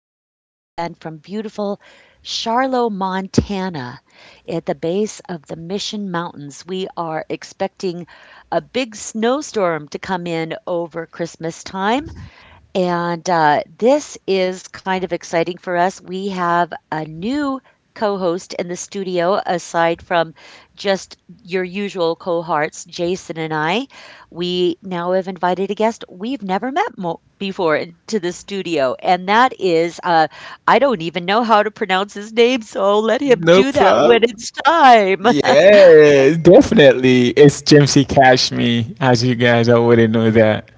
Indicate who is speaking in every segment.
Speaker 1: coming to you again from beautiful Charlo, Montana, at the base of the Mission Mountains. We are expecting a big snowstorm to come in over Christmas time, and, this is kind of exciting for us. We have a new co-host in the studio aside from just your usual cohorts, Jason and I. We now have invited a guest we've never met before into the studio, and that is, I don't even know how to pronounce his name, so I'll let him
Speaker 2: No
Speaker 1: do that when
Speaker 2: problem.
Speaker 1: it's time.
Speaker 2: Yeah, definitely. It's Jimsy Cash Me, as you guys already know that.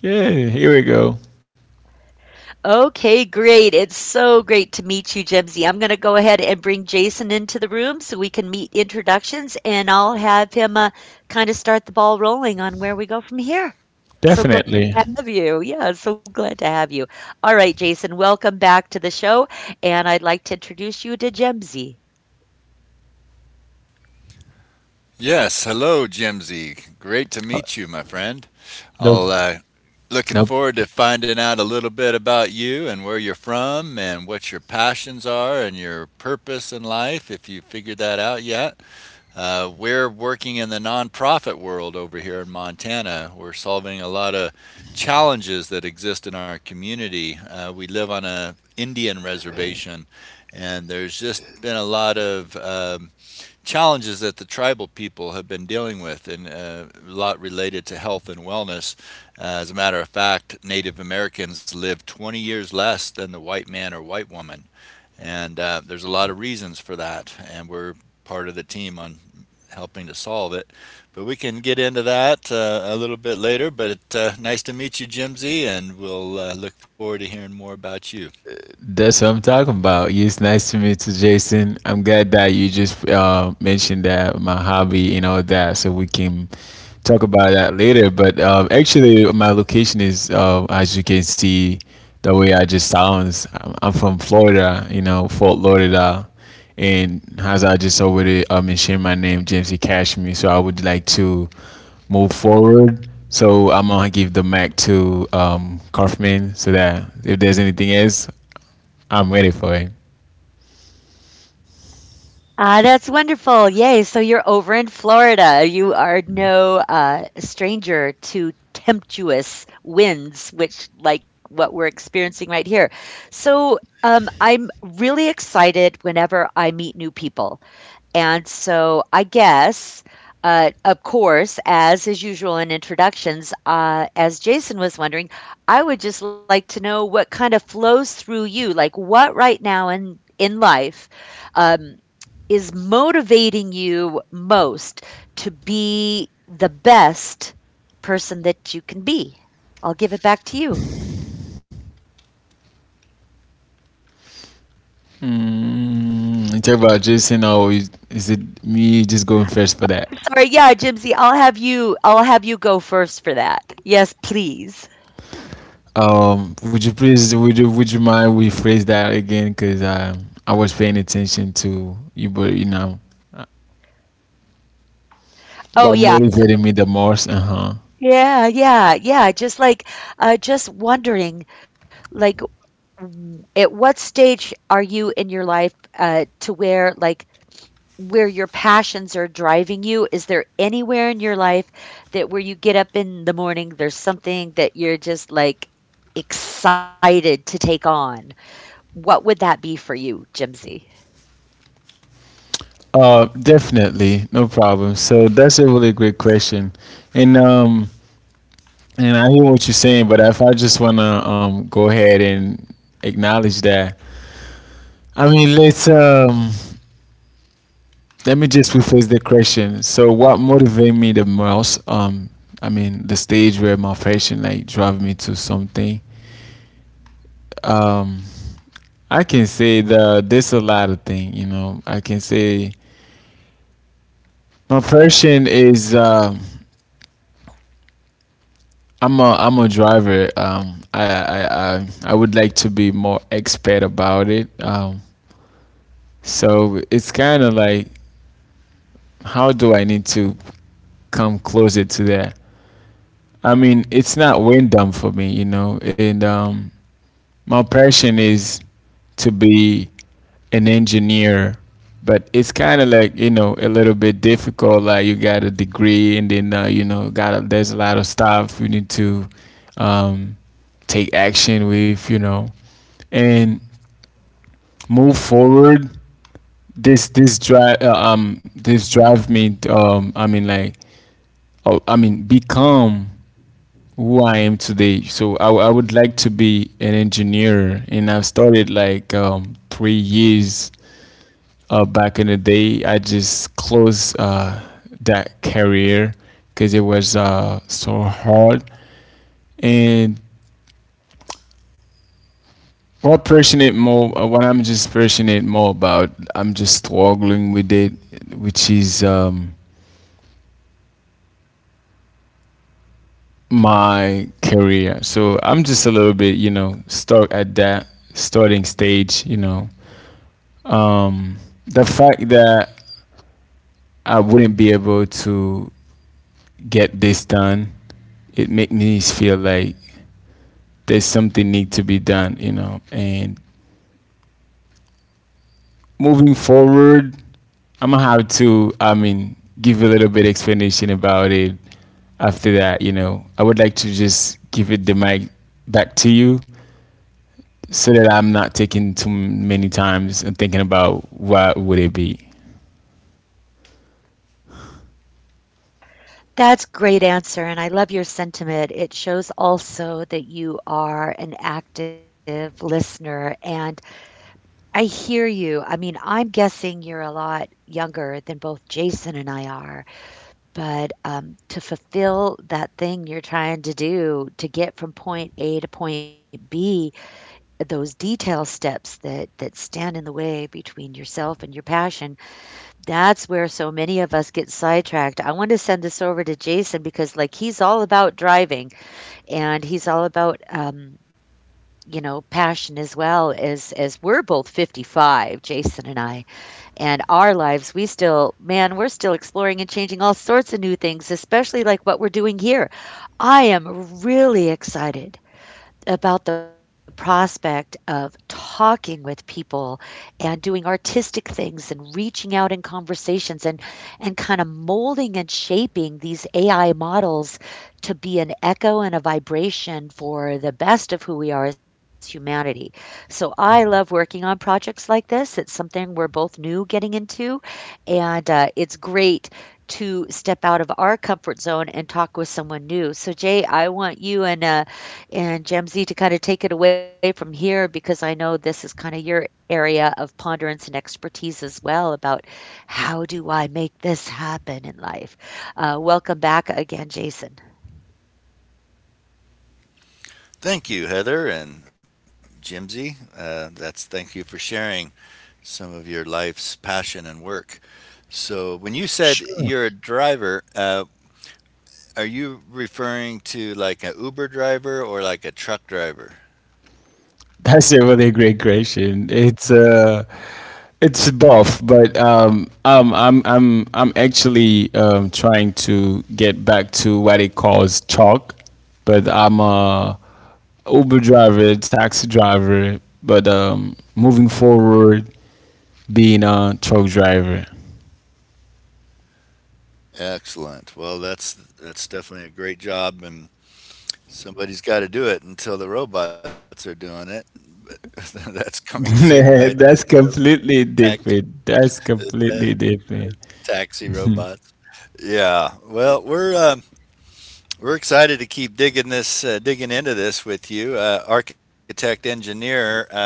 Speaker 2: Yeah, here we go.
Speaker 1: Okay, great. It's so great to meet you, Jimsy. I'm going to go ahead and bring Jason into the room so we can meet introductions, and I'll have him kind of start the ball rolling on where we go from here. So glad
Speaker 2: Definitely.
Speaker 1: to have you. Yeah, so glad to have you. All right, Jason, welcome back to the show, and I'd like to introduce you to Jemsy.
Speaker 3: Yes, hello, Jimsy. Great to
Speaker 2: Uh,
Speaker 3: meet you, my friend.
Speaker 2: No,
Speaker 3: I'll Looking
Speaker 2: no.
Speaker 3: forward to finding out a little bit about you and where you're from and what your passions are and your purpose in life, if you figured that out yet. We're working in the nonprofit world over here in Montana. We're solving a lot of challenges that exist in our community. We live on an Indian reservation, and there's just been a lot of challenges that the tribal people have been dealing with, and a lot related to health and wellness. As a matter of fact, Native Americans live 20 years less than the white man or white woman. And there's a lot of reasons for that. And we're part of the team on helping to solve it. But we can get into that a little bit later. But nice to meet you, Jimsy, and we'll look forward to hearing more about you.
Speaker 2: That's what I'm talking about. It's nice to meet you, Jason. I'm glad that you just mentioned that my hobby and all that, so we can talk about that later. But actually, my location is, as you can see, the way I just sounds. I'm from Florida, you know, Fort Lauderdale, and as I just already mentioned, my name James E. Cashmere. So I would like to move forward. So I'm gonna give the mic to Kaufman so that if there's anything else, I'm ready for it.
Speaker 1: Ah, that's wonderful. Yay. So you're over in Florida. You are no stranger to tempestuous winds, which like what we're experiencing right here. So I'm really excited whenever I meet new people. And so I guess, of course, as is usual in introductions, as Jason was wondering, I would just like to know what kind of flows through you, like what right now in life. um, is motivating you most to be the best person that you can be? I'll give it back to you.
Speaker 2: Mm, talk about Jason, or is it me just going first for that?
Speaker 1: Sorry, yeah, Jimsy, I'll have you go first for that. Yes, please.
Speaker 2: Would you please, would you mind we phrase that again? Because I was paying attention to you, but you know,
Speaker 1: Oh
Speaker 2: what
Speaker 1: yeah.
Speaker 2: motivated me the most? Uh huh.
Speaker 1: Yeah, yeah, yeah. Just like just wondering like at what stage are you in your life to where like where your passions are driving you? Is there anywhere in your life that where you get up in the morning, there's something that you're just like excited to take on? What would that be for you, Jimsy?
Speaker 2: Definitely, no problem. So that's a really great question, and and I hear what you're saying, but if I just wanna go ahead and acknowledge that, I mean, let me just rephrase the question. So, what motivated me the most? I mean, the stage where my passion like drive me to something. Um, I can say that there's a lot of things. You know, I can say my passion is. I'm a driver. I, I I would like to be more expert about it. So it's kind of like how do I need to come closer to that? I mean, it's not random for me, you know, and my passion is to be an engineer, but it's kind of like, you know, a little bit difficult. Like you got a degree and then, you know, got a, there's a lot of stuff you need to um, take action with, you know, and move forward. This drive me I mean like oh I mean become who I am today. So I, I would like to be an engineer, and I've started like 3 years back in the day. I just closed that career because it was so hard. And what passionate more, what I'm just passionate more about, I'm just struggling with it, which is my career. So I'm just a little bit, you know, stuck at that starting stage, you know, um, the fact that I wouldn't be able to get this done, it made me feel like there's something need to be done, you know. And moving forward, I'm gonna have to, I mean, give a little bit explanation about it. After that, you know, I would like to just give it the mic back to you so that I'm not taking too many times and thinking about what would it be.
Speaker 1: That's great answer and I love your sentiment. It shows also that you are an active listener and I hear you. I mean, I'm guessing you're a lot younger than both Jason and I are. But, to fulfill that thing you're trying to do to get from point A to point B, those detail steps that stand in the way between yourself and your passion, that's where so many of us get sidetracked. I wanna send this over to Jason because, like, he's all about driving, and he's all about, you know, passion as well as we're both 55, Jason and I and our lives, we still, man, we're still exploring and changing all sorts of new things, especially like what we're doing here. I am really excited about the prospect of talking with people and doing artistic things and reaching out in conversations and kinda molding and shaping these AI models to be an echo and a vibration for the best of who we are as humanity. So I love working on projects like this. It's something we're both new getting into, and, it's great to step out of our comfort zone and talk with someone new. So, Jay, I want you and Jemsy, to kind of take it away from here, because I know this is kind of your area of ponderance and expertise as well about how do I make this happen in life. Welcome back again, Jason.
Speaker 3: Thank you, Heather and Jimsy. That's Thank you for sharing some of your life's passion and work. So, when you said
Speaker 2: Sure.
Speaker 3: you're a driver, are you referring to like an Uber driver or like a truck driver?
Speaker 2: That's a really great question. It's both, but I'm actually trying to get back to what it calls chalk, but I'm a Uber driver, taxi driver, but moving forward, being a truck driver.
Speaker 3: Excellent. Well, that's definitely a great job, and somebody's gotta do it until the robots are doing it, but that's coming soon, right?
Speaker 2: That's
Speaker 3: The
Speaker 2: completely
Speaker 3: tax
Speaker 2: different. That's
Speaker 3: the ta
Speaker 2: completely different.
Speaker 3: taxi robots. Yeah. Well, we're excited to keep digging this, digging into this with you, architect engineer.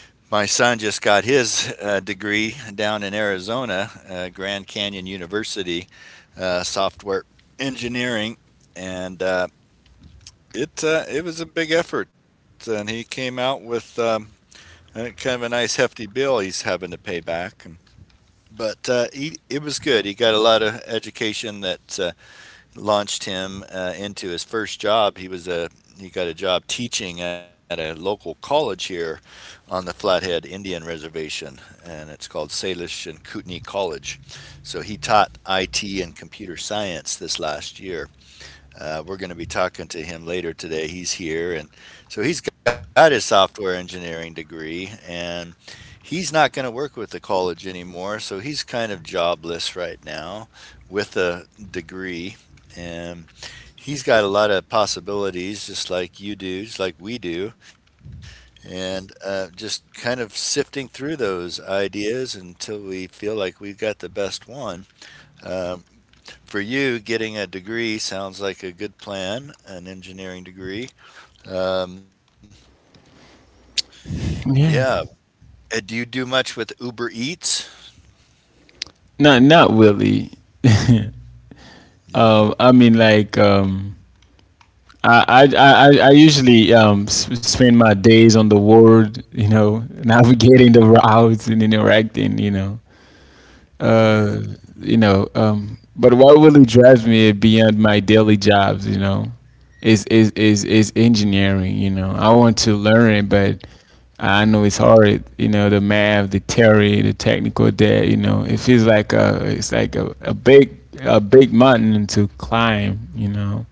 Speaker 3: My son just got his, degree down in Arizona, Grand Canyon University, software engineering, and, it was a big effort, and he came out with, and kind of a nice hefty bill he's having to pay back. But it was good. He got a lot of education that launched him into his first job. He got a job teaching at a local college here on the Flathead Indian Reservation, and it's called Salish and Kootenai College. So he taught IT and computer science this last year. We're going to be talking to him later today. He's here, and so he's got his software engineering degree, and he's not going to work with the college anymore, so he's kind of jobless right now with a degree. And he's got a lot of possibilities, just like you do, just like we do, and just kind of sifting through those ideas until we feel like we've got the best one. Um, for you, getting a degree sounds like a good plan, an engineering degree. Um, yeah.
Speaker 2: Yeah,
Speaker 3: Do you do much with Uber Eats?
Speaker 2: not not really.
Speaker 3: Yeah.
Speaker 2: I mean like. I, I usually spend my days on the world, you know, navigating the routes and interacting, you know,
Speaker 3: Yeah.
Speaker 2: uh, you know. But what really drives me beyond my daily jobs, you know, is engineering. You know, I want to learn it, but I know it's hard. You know, the math, the theory, the technical debt. You know, it feels like a big mountain to climb. You know,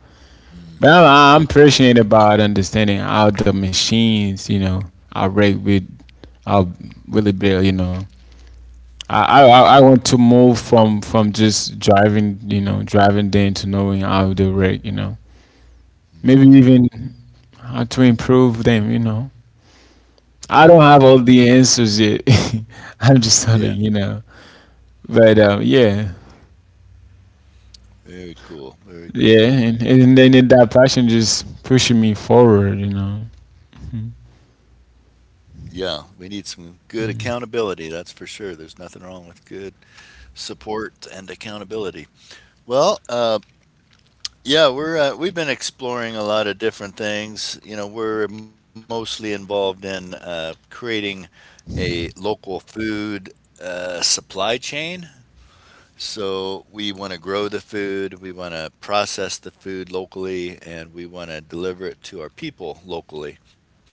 Speaker 2: I'm passionate about understanding how the machines, you know, are rigged with how really built. You know. I, I want to move from just driving, you know, driving them to knowing how they rate, you know. Maybe
Speaker 3: Mhm.
Speaker 2: even how to improve them, you know.
Speaker 3: Mhm.
Speaker 2: I don't have all the answers yet. I'm just
Speaker 3: Yeah,
Speaker 2: sort of, you know. But yeah,
Speaker 3: very cool, very
Speaker 2: yeah,
Speaker 3: cool.
Speaker 2: and then that passion just pushing me forward, you know.
Speaker 3: Yeah, we need some good accountability, that's for sure. There's nothing wrong with good support and accountability. Well, we've been exploring a lot of different things. You know, we're mostly involved in creating a local food supply chain. So we want to grow the food, we want to process the food locally, and we want to deliver it to our people locally.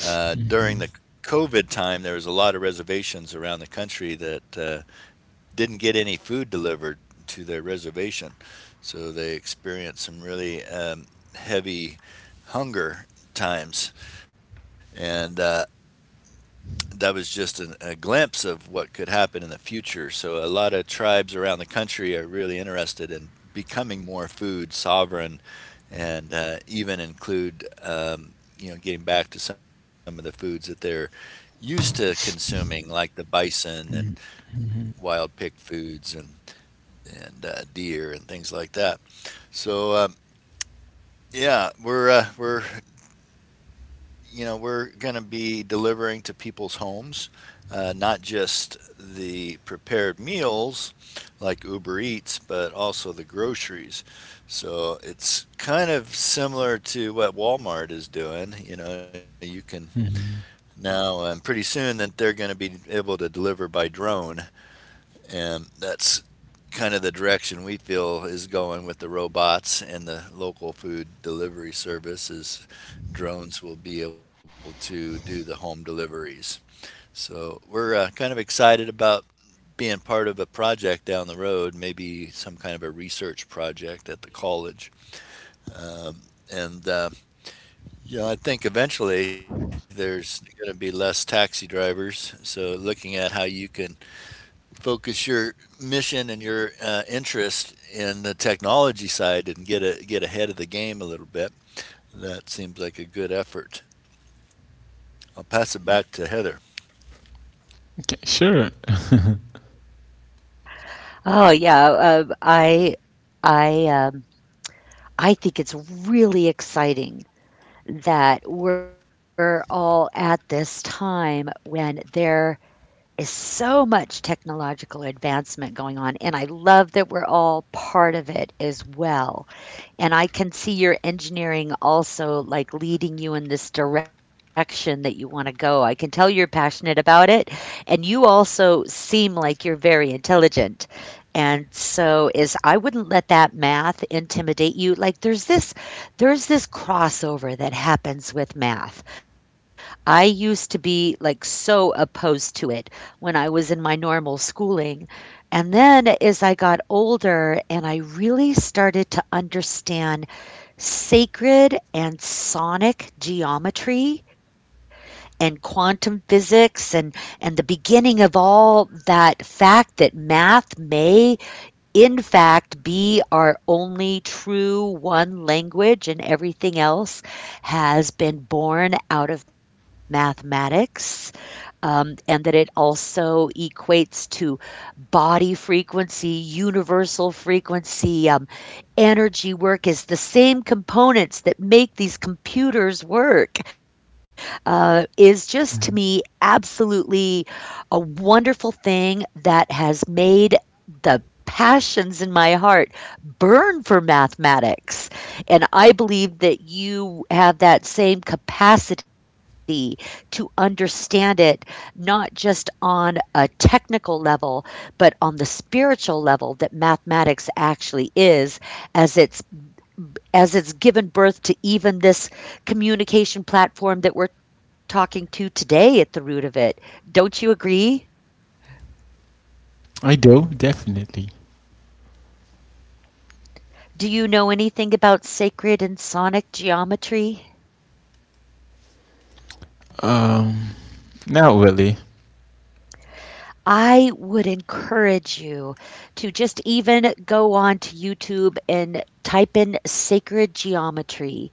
Speaker 3: During the COVID time, there was a lot of reservations around the country that didn't get any food delivered to their reservation. So they experienced some really heavy hunger times. And that was just a glimpse of what could happen in the future. So a lot of tribes around the country are really interested in becoming more food sovereign, and even include you know getting back to some of the foods that they're used to consuming, like the bison and wild picked foods and deer and things like that. So yeah, we're you know, we're going to be delivering to people's homes, not just the prepared meals like Uber Eats, but also the groceries. So it's kind of similar to what Walmart is doing. You know, you can
Speaker 2: Mhm.
Speaker 3: now, and pretty soon that they're going to be able to deliver by drone, and that's kind of the direction we feel is going with the robots and the local food delivery services. Drones will be able to do the home deliveries. So we're kind of excited about being part of a project down the road, maybe some kind of a research project at the college. Um, and Yeah, I think eventually there's going to be less taxi drivers. So looking at how you can focus your mission and your interest in the technology side and get ahead of the game a little bit. That seems like a good effort. I'll pass it back to Heather.
Speaker 2: Okay, sure,
Speaker 1: Oh yeah, um, I I um, I think it's really exciting that we're all at this time when there is so much technological advancement going on, and I love that we're all part of it as well. And I can see your engineering also like leading you in this direction that you want to go. I can tell you're passionate about it, and you also seem like you're very intelligent. And so is I wouldn't let that math intimidate you. Like there's this crossover that happens with math. I used to be like so opposed to it when I was in my normal schooling, and then as I got older and I really started to understand sacred and sonic geometry and quantum physics and the beginning of all that fact that math may in fact be our only true one language and everything else has been born out of mathematics, and that it also equates to body frequency, universal frequency, energy work is the same components that make these computers work, is just to me absolutely a wonderful thing that has made the passions in my heart burn for mathematics. And I believe that you have that same capacity to understand it, not just on a technical level, but on the spiritual level that mathematics actually is as it's as it's given birth to even this communication platform that we're talking to today at the root of it. Don't you agree?
Speaker 2: I do definitely.
Speaker 1: Do you know anything about sacred and sonic geometry?
Speaker 2: Um, Not really.
Speaker 1: I would encourage you to just even go on to YouTube and type in sacred geometry,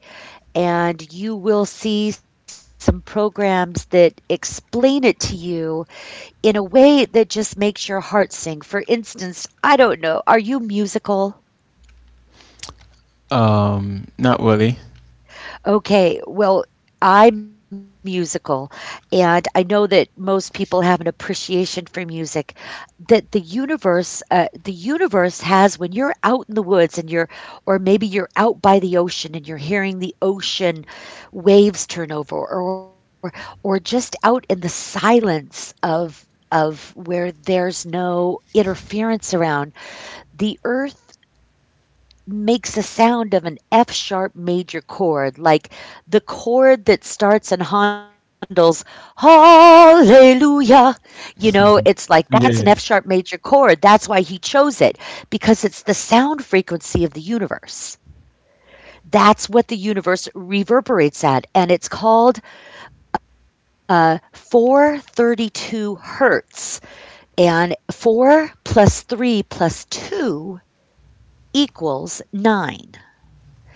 Speaker 1: and you will see some programs that explain it to you in a way that just makes your heart sing. For instance, I don't know, are you musical?
Speaker 2: Not really.
Speaker 1: Okay, well, I'm musical, and I know that most people have an appreciation for music that the universe has when you're out in the woods and you're or maybe you're out by the ocean and you're hearing the ocean waves turn over or just out in the silence of where there's no interference around the earth makes a sound of an F sharp major chord, like the chord that starts in Handel's Hallelujah. You know, it's like that's
Speaker 2: Yeah.
Speaker 1: an F sharp major chord. That's why he chose it, because it's the sound frequency of the universe. That's what the universe reverberates at, and it's called 432 hertz. And 4 plus 3 plus 2 equals 9.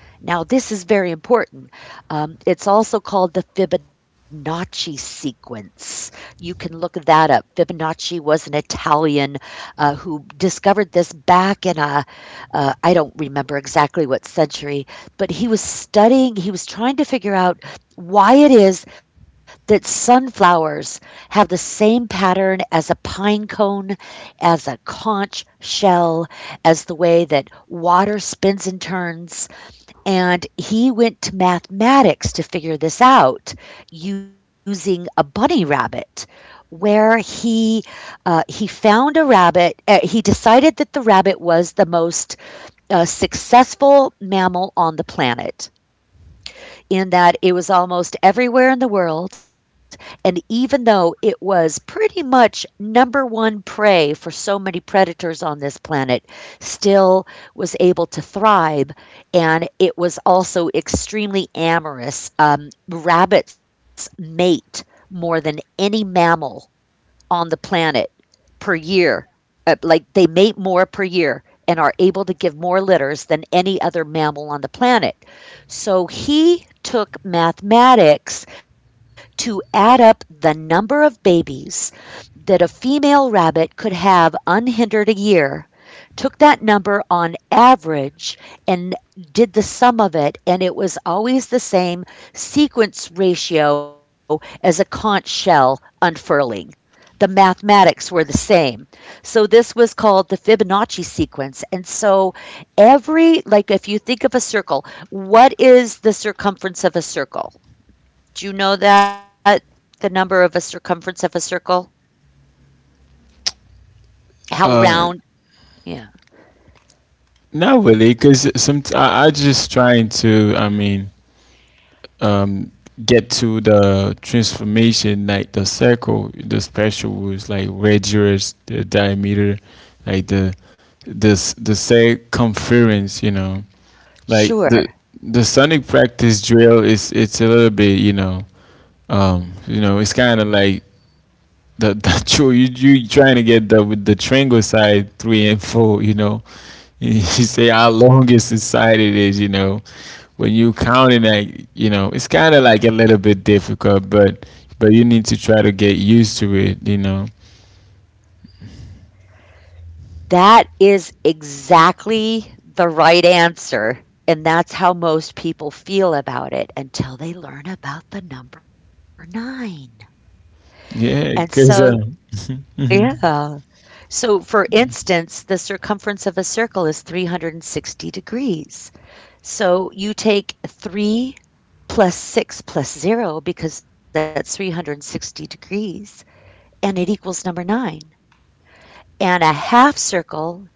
Speaker 1: Now, this is very important. It's also called the Fibonacci sequence. You can look that up. Fibonacci was an Italian who discovered this back in I don't remember exactly what century, but he was trying to figure out why it is that sunflowers have the same pattern as a pine cone, as a conch shell, as the way that water spins and turns, and he went to mathematics to figure this out using a bunny rabbit, where he found a rabbit he decided that the rabbit was the most, successful mammal on the planet in that it was almost everywhere in the world. And even though it was pretty much number one prey for so many predators on this planet, still was able to thrive. And it was also extremely amorous. Rabbits mate more than any mammal on the planet per year. Like they mate more per year and are able to give more litters than any other mammal on the planet. So he took mathematics to add up the number of babies that a female rabbit could have unhindered a year, took that number on average, and did the sum of it, and it was always the same sequence ratio as a conch shell unfurling, the mathematics were the same. So this was called the Fibonacci sequence. And so every, like if you think of a circle, what is the circumference of a circle? Do you know that? The number of a circumference of a circle? How
Speaker 2: Uh,
Speaker 1: round? Yeah,
Speaker 2: Not really, because some I just trying to. I mean, um, get to the transformation, like the circle, the special was like radius, the diameter, like the this the circumference. You know, like the
Speaker 1: sure.
Speaker 2: sonic practice drill is it's a little bit. You know, it's kind of like that that true. You trying to get the with the triangle side three and four. You know, you say how longest the side it is. You know, when you counting that, you know, it's kind of like a little bit difficult, but you need to try to get used to it. You know,
Speaker 1: That is exactly the right answer. And that's how most people feel about it until they learn about the number nine. And
Speaker 2: yeah,
Speaker 1: so,
Speaker 2: cause.
Speaker 1: yeah. So, for instance, the circumference of a circle is 360 degrees. So, you take 3 plus 6 plus 0 because that's 360 degrees and it equals number 9. And a half circle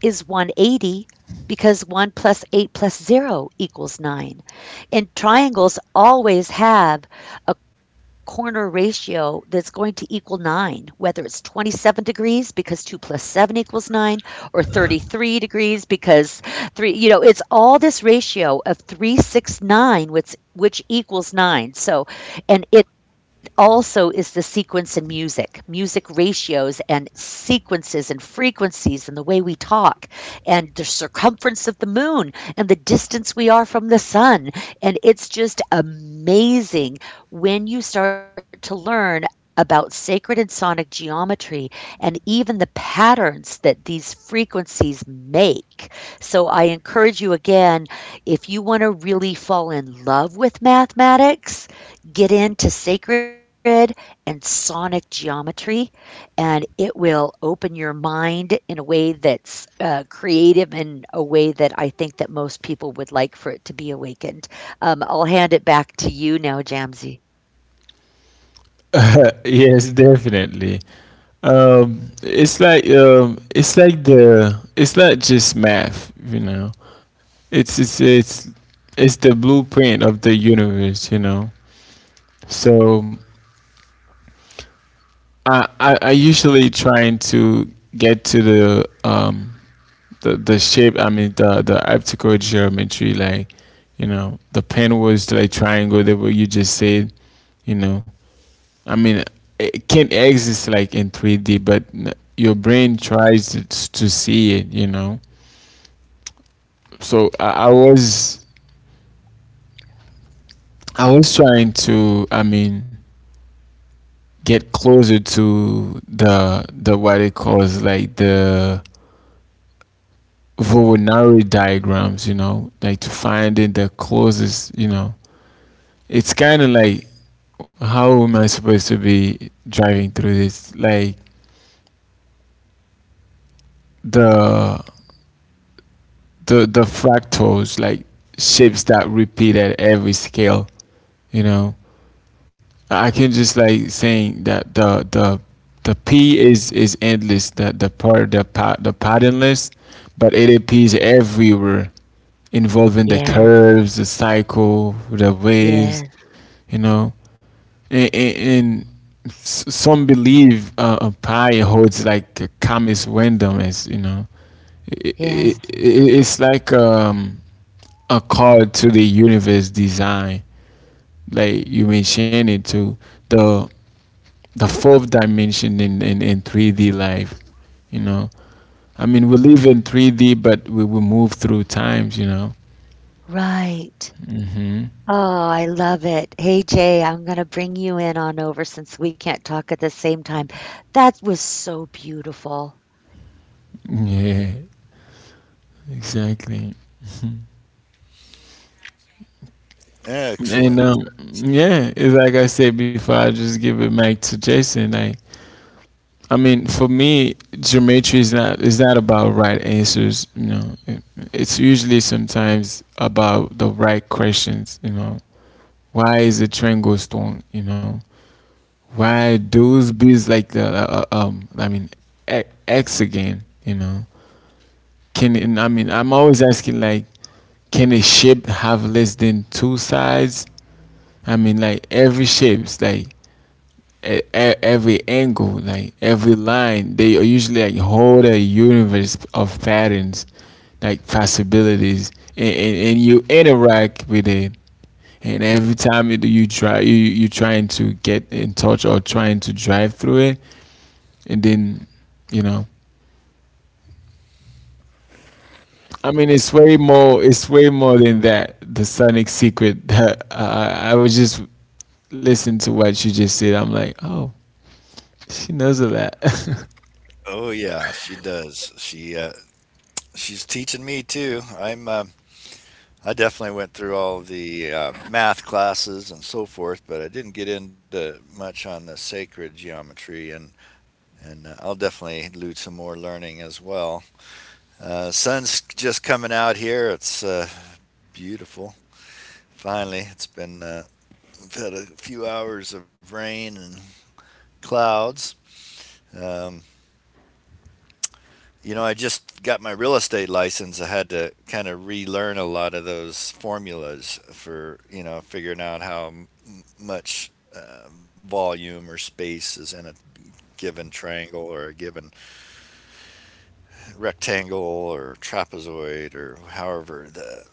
Speaker 1: is 180 because 1 plus 8 plus 0 equals 9. And triangles always have a corner ratio that's going to equal 9, whether it's 27 degrees because 2 plus 7 equals 9, or 33 degrees because 3, you know, it's all this ratio of 369, which equals nine. So, and it also is the sequence in music, music ratios and sequences and frequencies and the way we talk and the circumference of the moon and the distance we are from the sun. And it's just amazing when you start to learn about sacred and sonic geometry and even the patterns that these frequencies make. So I encourage you again if you want to really fall in love with mathematics, get into sacred and sonic geometry, and it will open your mind in a way that's creative in a way that I think that most people would like for it to be awakened. I'll hand it back to you now, Jamsey.
Speaker 2: yes, definitely. It's like it's like the it's not just math. You know, it's it's it's it's the blueprint of the universe. You know, so I, I usually trying to get to the shape I mean the optical geometry like you know the pen was like triangle that what you just said you know I mean it can exist like in 3D but your brain tries to see it you know so I was trying to I mean get closer to the what it calls like the Voronari diagrams, you know, like to find it the closest, you know. It's kind of like how am I supposed to be driving through this? Like the the fractals, like shapes that repeat at every scale, you know. I can just like saying that the P is endless, the patternless, but it appears everywhere, involving the
Speaker 1: Yes,
Speaker 2: curves, the cycle, the waves,
Speaker 1: yes.
Speaker 2: you know, and some believe a pie holds like a calmest randomness, you know. it,
Speaker 1: Yes,
Speaker 2: it, it, it's like a card to the universe design like you mentioned it to the fourth dimension in 3D life, you know, I mean we live in 3D but we will move through times, you know.
Speaker 1: right. Oh, I love it. Hey, Jay, I'm going to bring you in on over since we can't talk at the same time. That was so beautiful.
Speaker 2: Yeah, exactly, and
Speaker 3: Excellent.
Speaker 2: yeah, it's like I said before, I just give it back to Jason. Like, I mean, for me, geometry is not about right answers. You know, it's usually sometimes about the right questions. You know, why is a triangle strong? You know, why those bees like the I mean, X again. You know, can it, I mean I'm always asking like, can a shape have less than two sides? I mean, like every shapes like every angle, like every line, they are usually like whole a universe of patterns, like possibilities, and, and you interact with it. And every time you try, you trying to get in touch or trying to drive through it, and then, you know, I mean, it's way more. It's way more than that. The Sonic secret. That I was just listening to what you just said. I'm like, oh, she knows a lot.
Speaker 3: Oh yeah, she does. She she's teaching me too. I definitely went through all the math classes and so forth, but I didn't get into much on the sacred geometry, and I'll definitely do some more learning as well. Sun's just coming out here. It's beautiful. Finally, it's been we've had a few hours of rain and clouds. Um, you know, I just got my real estate license. I had to kind of relearn a lot of those formulas for you know figuring out much volume or space is in a given triangle or a given rectangle or trapezoid or however the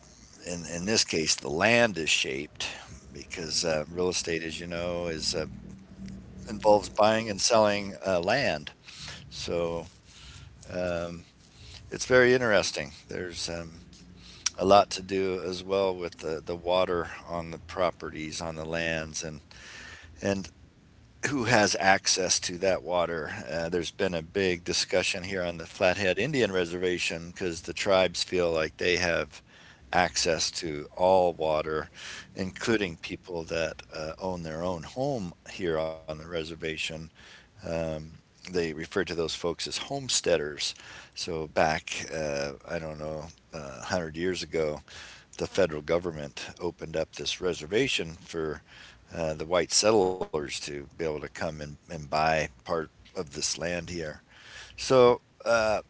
Speaker 3: in this case the land is shaped, because real estate as you know is involves buying and selling land. So um, it's very interesting. There's a lot to do as well with the water on the properties on the lands and who has access to that water. There's been a big discussion here on the Flathead Indian Reservation because the tribes feel like they have access to all water, including people that own their own home here on the reservation. They refer to those folks as homesteaders. So back, I don't know, 100 years ago, the federal government opened up this reservation for the white settlers to be able to come and buy part of this land here. So uh,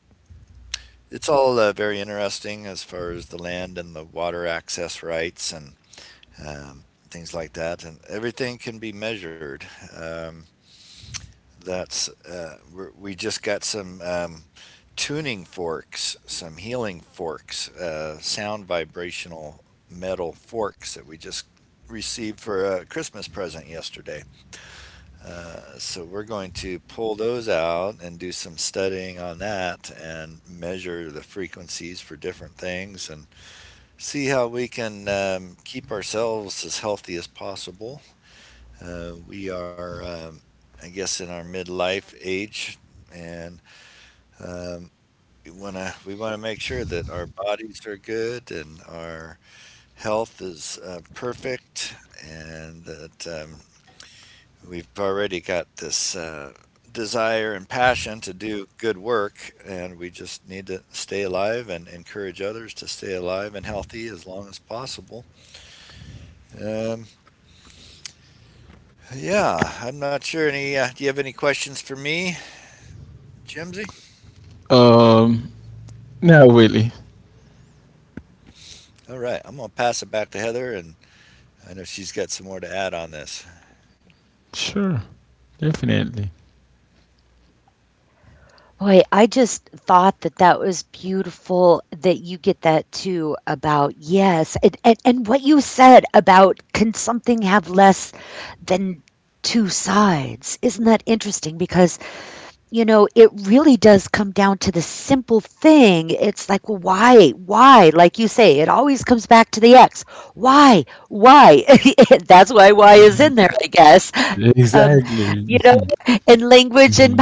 Speaker 3: it's all very interesting as far as the land and the water access rights and um, things like that. And everything can be measured. Um, we just got some tuning forks, some healing forks, sound vibrational metal forks that we just received for a Christmas present yesterday. So we're going to pull those out and do some studying on that and measure the frequencies for different things and see how we can keep ourselves as healthy as possible. We are, I guess, in our midlife age, and um, we want to make sure that our bodies are good and our health is perfect, and that we've already got this desire and passion to do good work, and we just need to stay alive and encourage others to stay alive and healthy as long as possible. Um, yeah, I'm not sure any. Do you have any questions for me, Jimsy?
Speaker 2: um, not really.
Speaker 3: All right, I'm gonna pass it back to Heather, and I know she's got some more to add on this.
Speaker 2: Sure. Definitely.
Speaker 1: Boy, I just thought that that was beautiful that you get that too about yes. And what you said about can something have less than two sides? Isn't that interesting? Because you know, it really does come down to the simple thing. It's like, well, why? Why? Like you say, it always comes back to the X. Why? Why? That's why is in there, I guess. Um, you
Speaker 2: Exactly.
Speaker 1: know, in language and power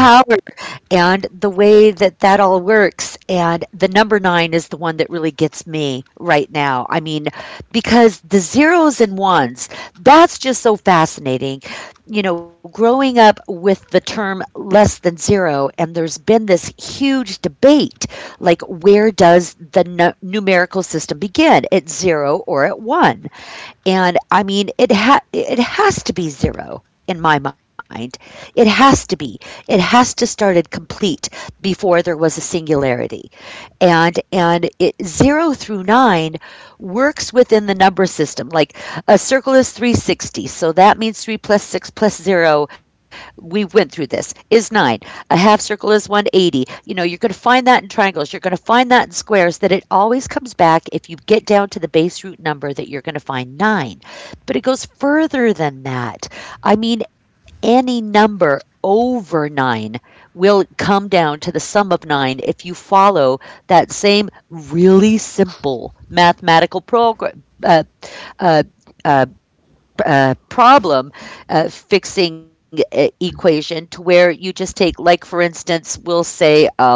Speaker 1: and the way that that all works and the number 9 is the one that really gets me right now. I mean, because the zeros and ones, that's just so fascinating. You know, growing up with the term less than 0 and there's been this huge debate like where does the numerical system begin? At 0 or at 1? And I mean, it has to be zero in my mind. It has to be. It has to start at complete before there was a singularity and it, zero through nine works within the number system. Like a circle is 360, so that means three plus six plus zero. We went through this is nine. A half circle is 180. You know, you're going to find that in triangles. You're going to find that in squares. That it always comes back if you get down to the base root number that you're going to find nine, but it goes further than that. I mean, any number over nine will come down to the sum of nine if you follow that same really simple mathematical program uh, uh, problem fixing equation to where you just take like for instance we'll say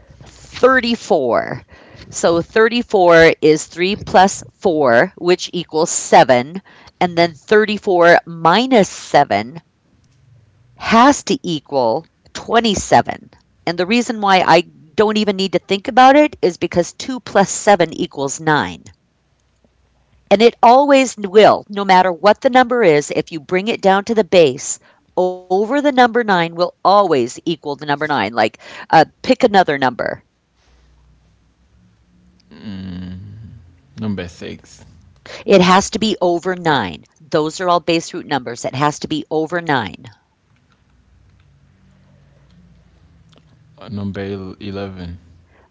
Speaker 1: 34, so 34 is 3 plus 4 which equals 7, and then 34 minus 7 has to equal 27. And the reason why I don't even need to think about it is because 2 plus 7 equals 9. And it always will, no matter what the number is, if you bring it down to the base, over the number 9 will always equal the number 9. Like, pick another number.
Speaker 2: Number six.
Speaker 1: It has to be over 9. Those are all base root numbers. It has to be over 9.
Speaker 2: Or number 11.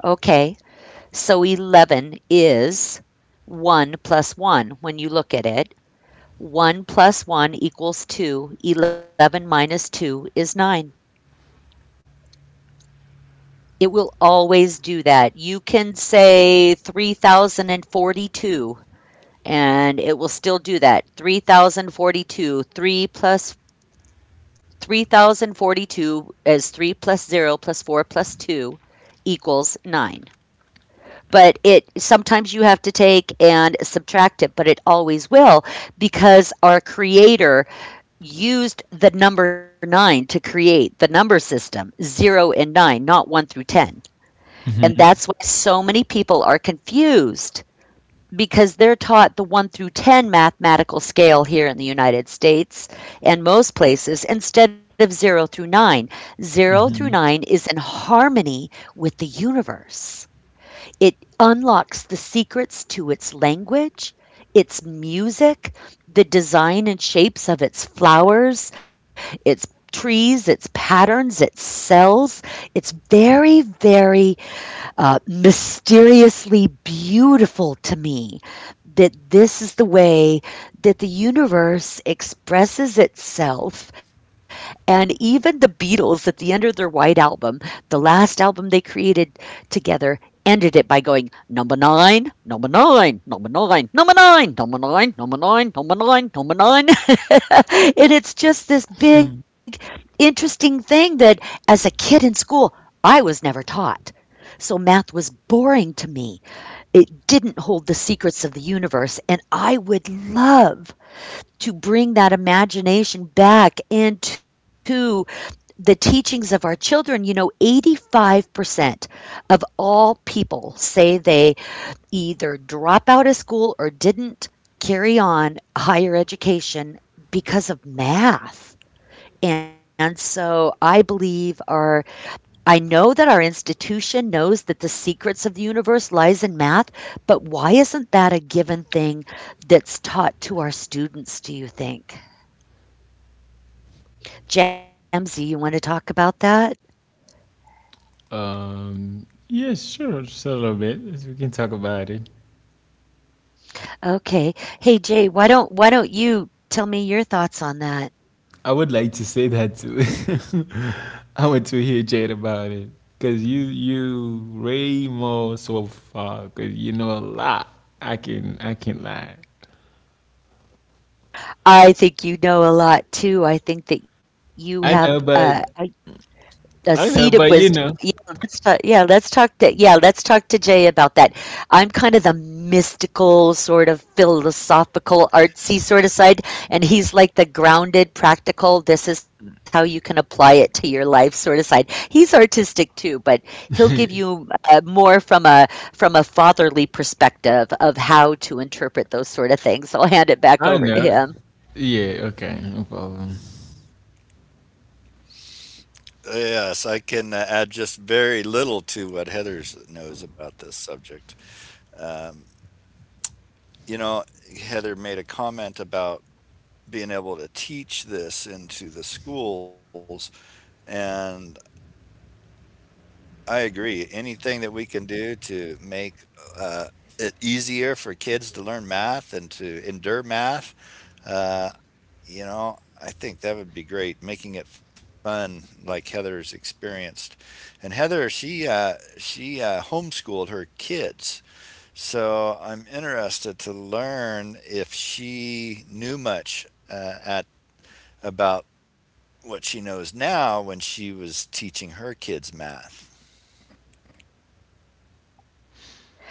Speaker 1: Okay, so 11 is 1 plus 1 when you look at it. 1 plus 1 equals 2, 11 minus 2 is 9. It will always do that. You can say 3,042 and it will still do that. 3,042 is 3 plus 0 plus 4 plus 2 equals 9, but it sometimes you have to take and subtract it but it always will because our creator used the number nine to create the number system, zero and nine, not one through 10. And that's why so many people are confused because they're taught the one through 10 mathematical scale here in the United States and most places instead of zero through nine. Zero through nine is in harmony with the universe. It unlocks the secrets to its language, its music, the design and shapes of its flowers, its trees, its patterns, its cells. It's very, very mysteriously beautiful to me that this is the way that the universe expresses itself. And even the Beatles, at the end of their White Album, the last album they created together, ended it by going number nine, number nine, number nine, number nine, number nine, number nine, number nine, number nine, number nine. And it's just this big, interesting thing that as a kid in school, I was never taught. So math was boring to me. It didn't hold the secrets of the universe. And I would love to bring that imagination back into the teachings of our children. You know, 85% of all people say they either drop out of school or didn't carry on higher education because of math. And so I believe our I know that our institution knows that the secrets of the universe lies in math, but why isn't that a given thing that's taught to our students, do you think? Jamsie, you want to talk about that?
Speaker 2: Yeah, sure. Just a little bit. We can talk about it.
Speaker 1: Okay. Hey Jay, why don't you tell me your thoughts on that?
Speaker 2: I would like to say that too. I want to hear Jade about it. Cause you way more so far. Cause you know a lot. I can lie.
Speaker 1: I think you know a lot too. I think that you have
Speaker 2: I know, but
Speaker 1: a seed of
Speaker 2: I know,
Speaker 1: wisdom.
Speaker 2: but
Speaker 1: Yeah,
Speaker 2: you know,
Speaker 1: let's talk. Yeah, let's talk to Jay about that. I'm kind of the mystical sort of philosophical artsy sort of side, and he's like the grounded, practical. This is how you can apply it to your life sort of side. He's artistic too, but he'll give you more from a fatherly perspective of how to interpret those sort of things. So I'll hand it back
Speaker 2: I
Speaker 1: over to
Speaker 2: know.
Speaker 1: him.
Speaker 2: Yeah. Okay. No problem.
Speaker 3: Yes, I can add just very little to what Heather knows about this subject. Um, you know, Heather made a comment about being able to teach this into the schools, and I agree. Anything that we can do to make uh, it easier for kids to learn math and to endure math, uh, you know, I think that would be great, making it fun like Heather's experienced. And Heather, she homeschooled her kids, so I'm interested to learn if she knew much at about what she knows now when she was teaching her kids math.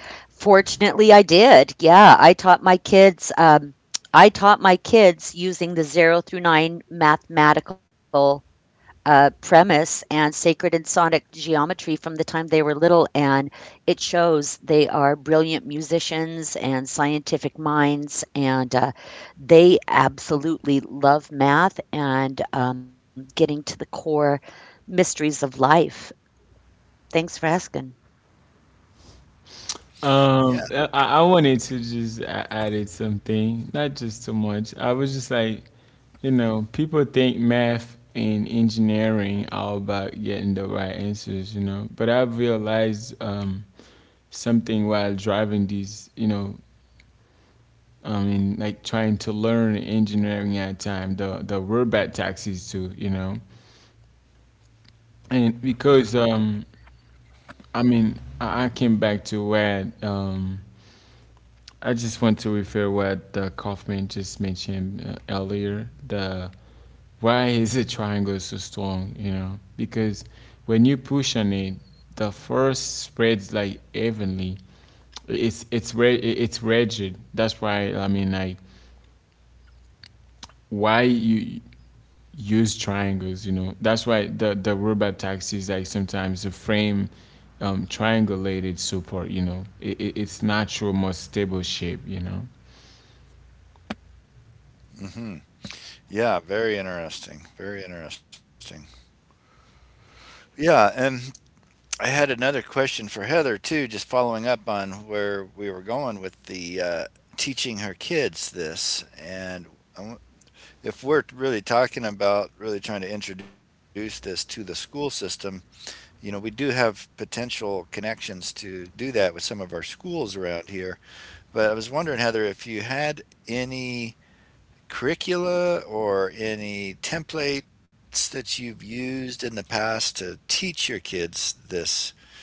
Speaker 1: Fortunately, I did. Yeah, I taught my kids using the zero through nine mathematical premise and sacred and sonic geometry from the time they were little, and it shows they are brilliant musicians and scientific minds, and they absolutely love math and getting to the core mysteries of life. Thanks for asking.
Speaker 3: Yeah.
Speaker 2: I wanted to just added something, not just too much. I was just like, you know, people think math and engineering are about getting the right answers, you know. But I've realized something while driving these, you know, I mean, like trying to learn engineering at time, the robot taxis too, you know. And because I mean, I came back to where I just want to refer what the Kaufman just mentioned earlier. The why is the triangle so strong? You know, because when you push on it, the force spreads like evenly. It's it's rigid. That's why I mean like why you use triangles. You know, that's why the robot taxis like sometimes the frame triangulated support. You know, it's natural, more stable shape. You know.
Speaker 3: Hmm. Yeah. Very interesting. Very interesting. Yeah, and I had another question for Heather too, just following up on where we were going with the teaching her kids this. And I w- if we're really talking about really trying to introduce this to the school system, you know, we do have potential connections to do that with some of our schools around here. But I was wondering, Heather, if you had any curricula or any templates that you've used in the past to teach your kids this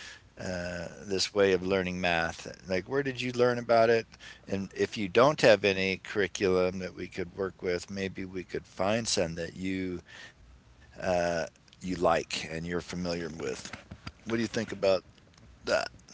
Speaker 3: this way of learning math? Like, where did you learn about it? And if you don't have any curriculum that we could work with, maybe we could find some that you uh, you like and you're familiar with. What do you think about that?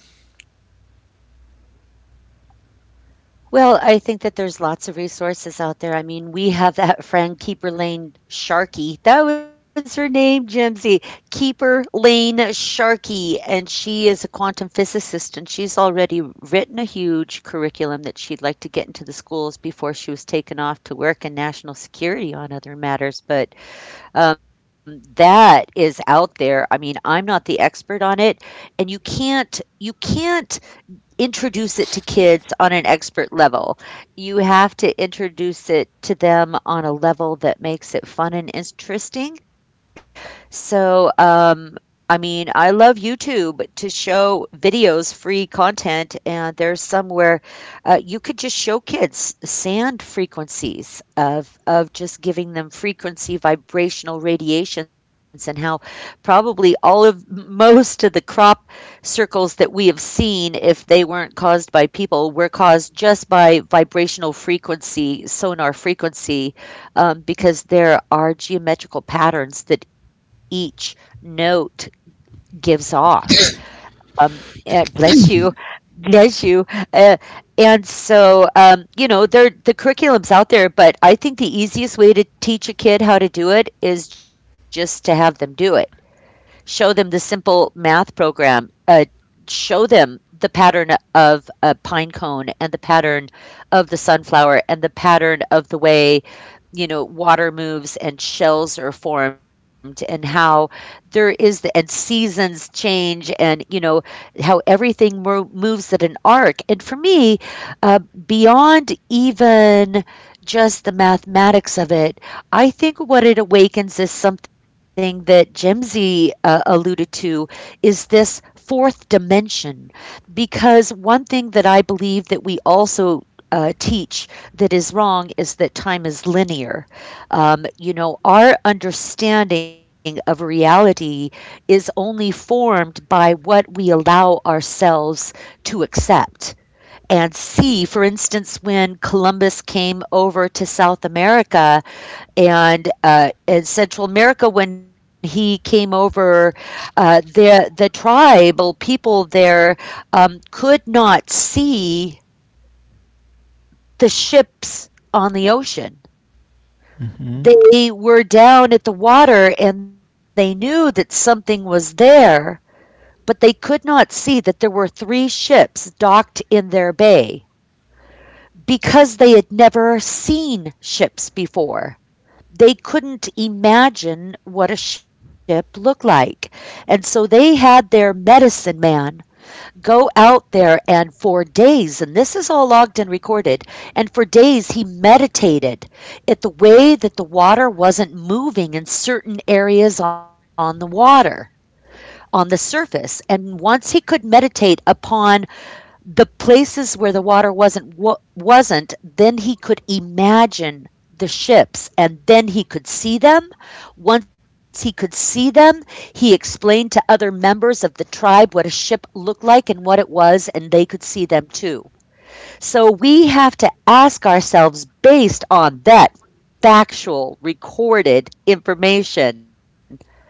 Speaker 1: Well, I think that there's lots of resources out there. I mean, we have that friend, Keeper Lane Sharkey. That was her name, Jimsy. Keeper Lane Sharkey. And she is a quantum physicist, and she's already written a huge curriculum that she'd like to get into the schools before she was taken off to work in national security on other matters. But that is out there. I mean, I'm not the expert on it, and you can't. You can't introduce it to kids on an expert level. You have to introduce it to them on a level that makes it fun and interesting. So, I mean, I love YouTube to show videos, free content, and there's some where you could just show kids sand frequencies of just giving them frequency vibrational radiations and how probably all of most of the crop circles that we have seen, if they weren't caused by people, were caused just by vibrational frequency, sonar frequency, because there are geometrical patterns that each note gives off. Um, and bless you, bless you. Uh, and so, you know, there the curriculum's out there, but I think the easiest way to teach a kid how to do it is just to have them do it show them the simple math program, show them the pattern of a pine cone and the pattern of the sunflower and the pattern of the way you know water moves and shells are formed and how there is the and seasons change and you know how everything moves at an arc and for me uh, beyond even just the mathematics of it I think what it awakens is something that Jimsy alluded to is this fourth dimension. Because one thing that I believe that we also teach that is wrong is that time is linear. You know, our understanding of reality is only formed by what we allow ourselves to accept and see. For instance, when Columbus came over to South America, and in Central America when he came over, the tribal people there could not see the ships on the ocean. They were down at the water and they knew that something was there, but they could not see that there were three ships docked in their bay because they had never seen ships before they couldn't imagine what a ship looked like. And so they had their medicine man go out there and for days, and this is all logged and recorded, and for days he meditated at the way that the water wasn't moving in certain areas on the water, on the surface. And once he could meditate upon the places where the water wasn't then he could imagine the ships and then he could see them once he could see them he explained to other members of the tribe what a ship looked like and what it was and they could see them too so we have to ask ourselves based on that factual recorded information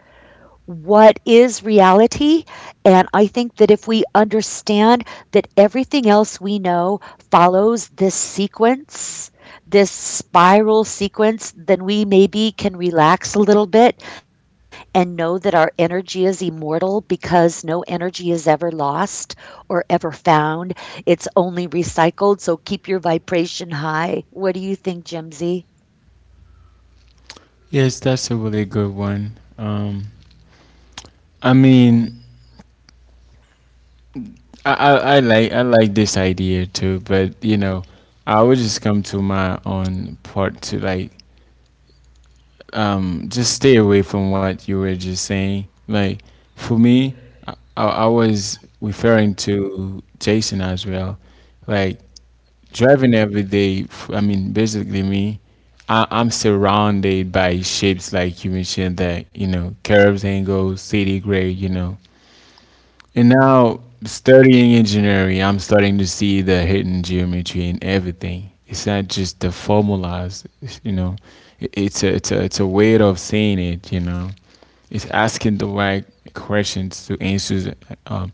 Speaker 1: what is reality. And I think that if we understand that everything else we know follows this sequence, this spiral sequence, then we maybe can relax a little bit and know that our energy is immortal because no energy is ever lost or ever found. It's only recycled. So keep your vibration high. What do you think, Jimsy?
Speaker 2: Yes, that's a really good one. I mean, I, I like this idea too, but you know, I would just come to my own part to like just stay away from what you were just saying. Like for me, I was referring to Jason as well. Like driving every day. I mean, basically me. I'm surrounded by shapes like you mentioned, that you know, curves, angles, city grade, you know. And now, studying engineering, I'm starting to see the hidden geometry in everything. It's not just the formulas, it's. It, it's a it's a it's a way of seeing it, you know. It's asking the right questions to answers um,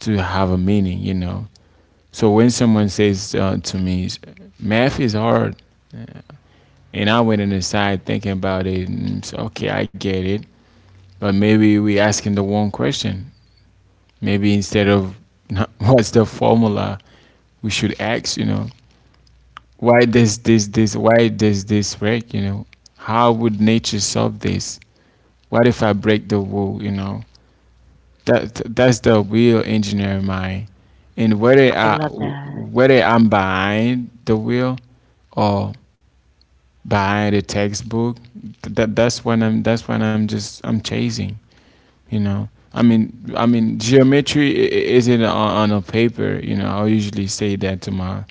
Speaker 2: to have a meaning, you know. So when someone says to me, "Math is hard," and I went inside thinking about it, and it's, okay, I get it, but maybe we asking the wrong question. Maybe instead of "Nah, what's the formula," we should ask, you know, why does this break, you know? How would nature solve this? What if I break the rule, you know? That's the real engineer mind. And whether
Speaker 1: I
Speaker 2: I
Speaker 1: love that.
Speaker 2: whether I'm behind the wheel or behind the textbook, that that's when I'm just I'm chasing. Geometry isn't on a paper. You know, I'll usually say that to my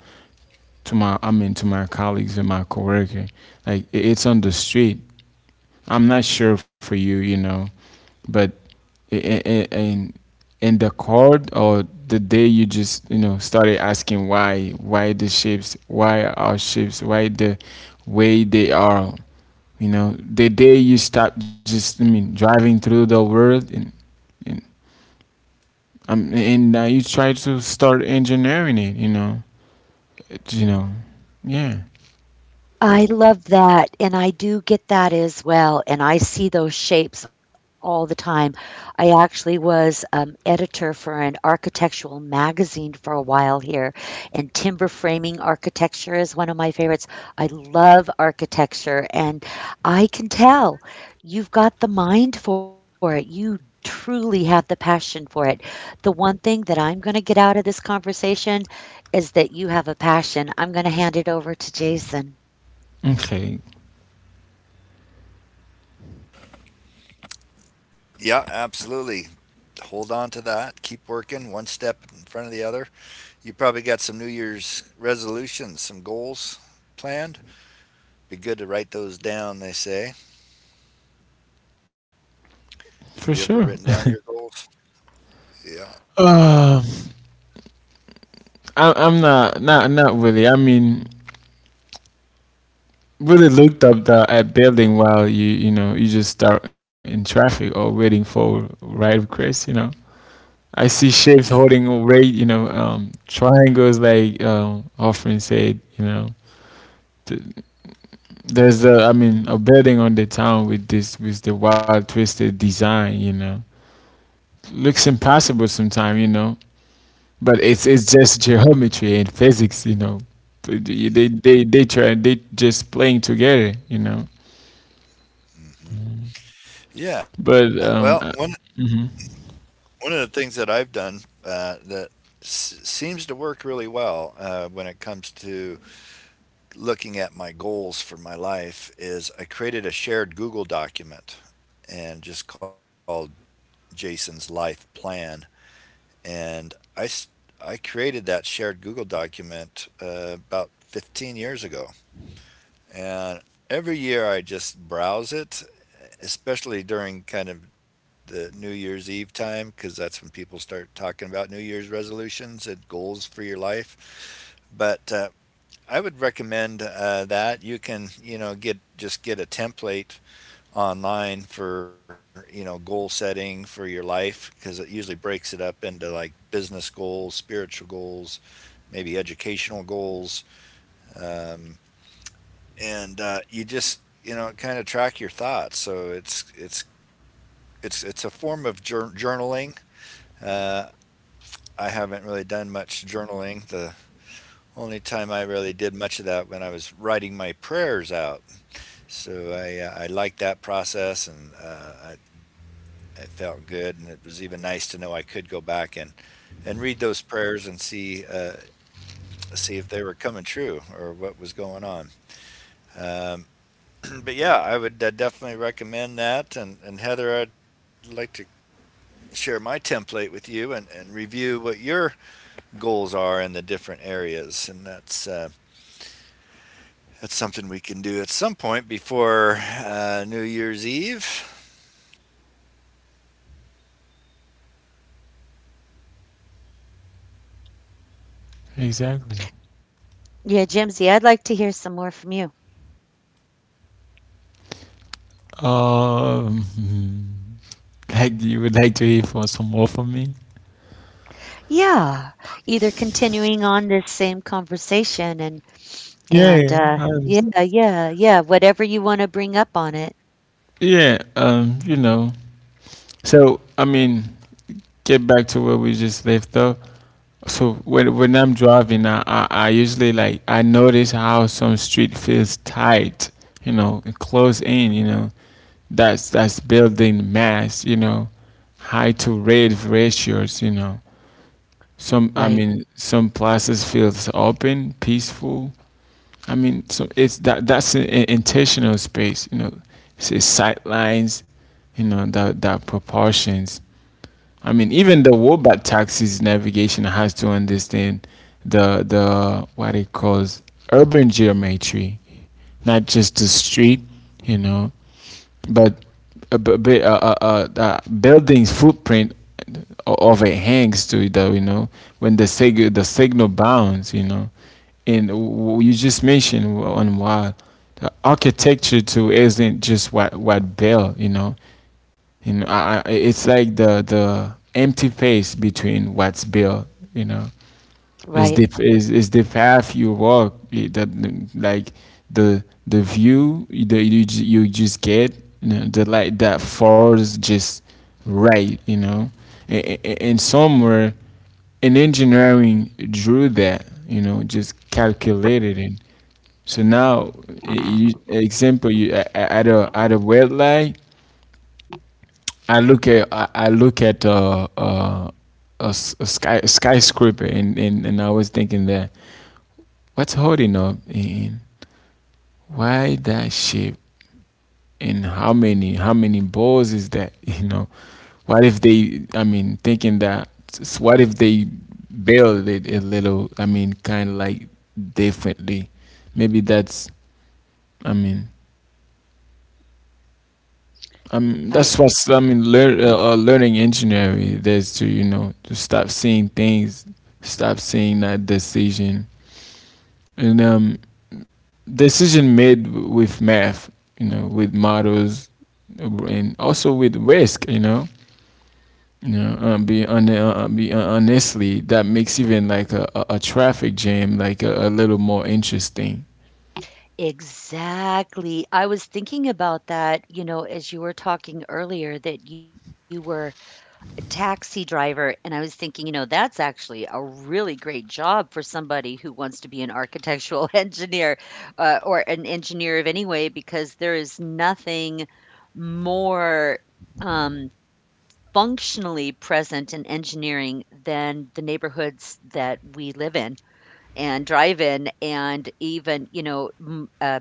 Speaker 2: to my to my colleagues and my coworker. Like it's on the street. I'm not sure for you, you know, but i- i- i- in in the chord or the day, you just, you know, started asking why the shapes, why our shapes, why the way they are. You know, the day you stop just, driving through the world, and and and now you try to start engineering it. You know, you know, yeah,
Speaker 1: I love that, and I do get that as well, and I see those shapes all the time. I actually was, editor for an architectural magazine for a while here, and timber framing architecture is one of my favorites. I love architecture, and I can tell you've got the mind for it. You truly have the passion for it. The one thing that I'm gonna get out of this conversation is that you have a passion. I'm gonna hand it over to Jason.
Speaker 2: okay,
Speaker 3: Yeah, absolutely. Hold on to that. Keep working one step in front of the other. You probably got some New Year's resolutions, some goals planned. Be good to write those down, they say. You
Speaker 2: for
Speaker 3: ever written
Speaker 2: sure.
Speaker 3: down your goals? Yeah.
Speaker 2: Uh, I'm not really. I mean, really looked up the at building while you know, you just start in traffic or waiting for ride requests. You know, I see
Speaker 3: Yeah.
Speaker 2: shapes holding a rate. You know, triangles, like Hoffman said. You know, Th- there's a, I mean, a building on the town with this with the wild twisted design. You know, looks impossible sometimes, you know. But it's just geometry and physics, you know. But they just playing together, you know.
Speaker 3: Mhm. Yeah,
Speaker 2: But
Speaker 3: well, one
Speaker 2: Mhm.
Speaker 3: one of the things that I've done that seems to work really well when it comes to looking at my goals for my life is I created a shared Google document and just called Jason's Life Plan, and I created that shared Google document about 15 years ago, and every year I just browse it, especially during kind of the New Year's Eve time, because that's when people start talking about New Year's resolutions and goals for your life. But I would recommend that you can, you know, get a template online for, you know, goal setting for your life, because it usually breaks it up into like business goals, spiritual goals, maybe educational goals. Um, and you just, you know, kind of track your thoughts. So it's a form of journaling. Uh, I haven't really done much journaling. The only time I really did much of that when I was writing my prayers out. So I liked that process, and I it felt good, and it was even nice to know I could go back and read those prayers and see see if they were coming true or what was going on. Um, But yeah, I would definitely recommend that. And Heather, I'd like to share my template with you and review what your goals are in the different areas. And that's something we can do at some point before New Year's Eve.
Speaker 2: Exactly.
Speaker 1: Yeah, Jimsy, I'd like to hear some more from you.
Speaker 2: Um, like, you would like to hear for some more from me?
Speaker 1: Yeah, either continuing on this same conversation and and
Speaker 2: Yeah,
Speaker 1: uh yeah, yeah, yeah, whatever you want to bring up on it.
Speaker 2: yeah. You know. So I mean, get back to where we just left off. So when I'm driving, I usually, like, I notice how some street feels tight, you know, and close in, you know. That's building mass, you know, high to rate ratios, you know. Some
Speaker 1: Right.
Speaker 2: I mean Some places feels open, peaceful. I mean, so it's that's an intentional space, you know. It's sight lines, you know, that proportions. I mean, even the Wobat taxis navigation has to understand the what it calls urban geometry, not just the street, you know, but a, b- b- a building's footprint, overhangs to it. Though, you know, when the signal bounds, you know, and you just mentioned on why the architecture too isn't just what built, you know. You know, it's like the empty space between what's built. You know, is
Speaker 1: Right.
Speaker 2: the is is the path you walk, that, like, the view that you just get. You know, the light that falls just right. You know, and somewhere in engineering drew that. You know, just calculated it. So now, example, at a red light, I look at a skyscraper, and I was thinking that what's holding up and why that shape, and how many balls is that, you know, what if they, thinking that, what if they build it a little, kind of like differently, maybe that's, I mean that's
Speaker 1: Right.
Speaker 2: what I mean. Learning engineering. That's to, you know, to stop seeing things, stop seeing that decision, and decision made with math. You know, with models, and also with risk. You know, be on be honestly that makes even like a traffic jam like a little more interesting.
Speaker 1: Exactly. I was thinking about that, you know, as you were talking earlier that you were taxi driver, and I was thinking, you know, that's actually a really great job for somebody who wants to be an architectural engineer, or an engineer of any way, because there is nothing more um, functionally present in engineering than the neighborhoods that we live in and drive in, and even, you know,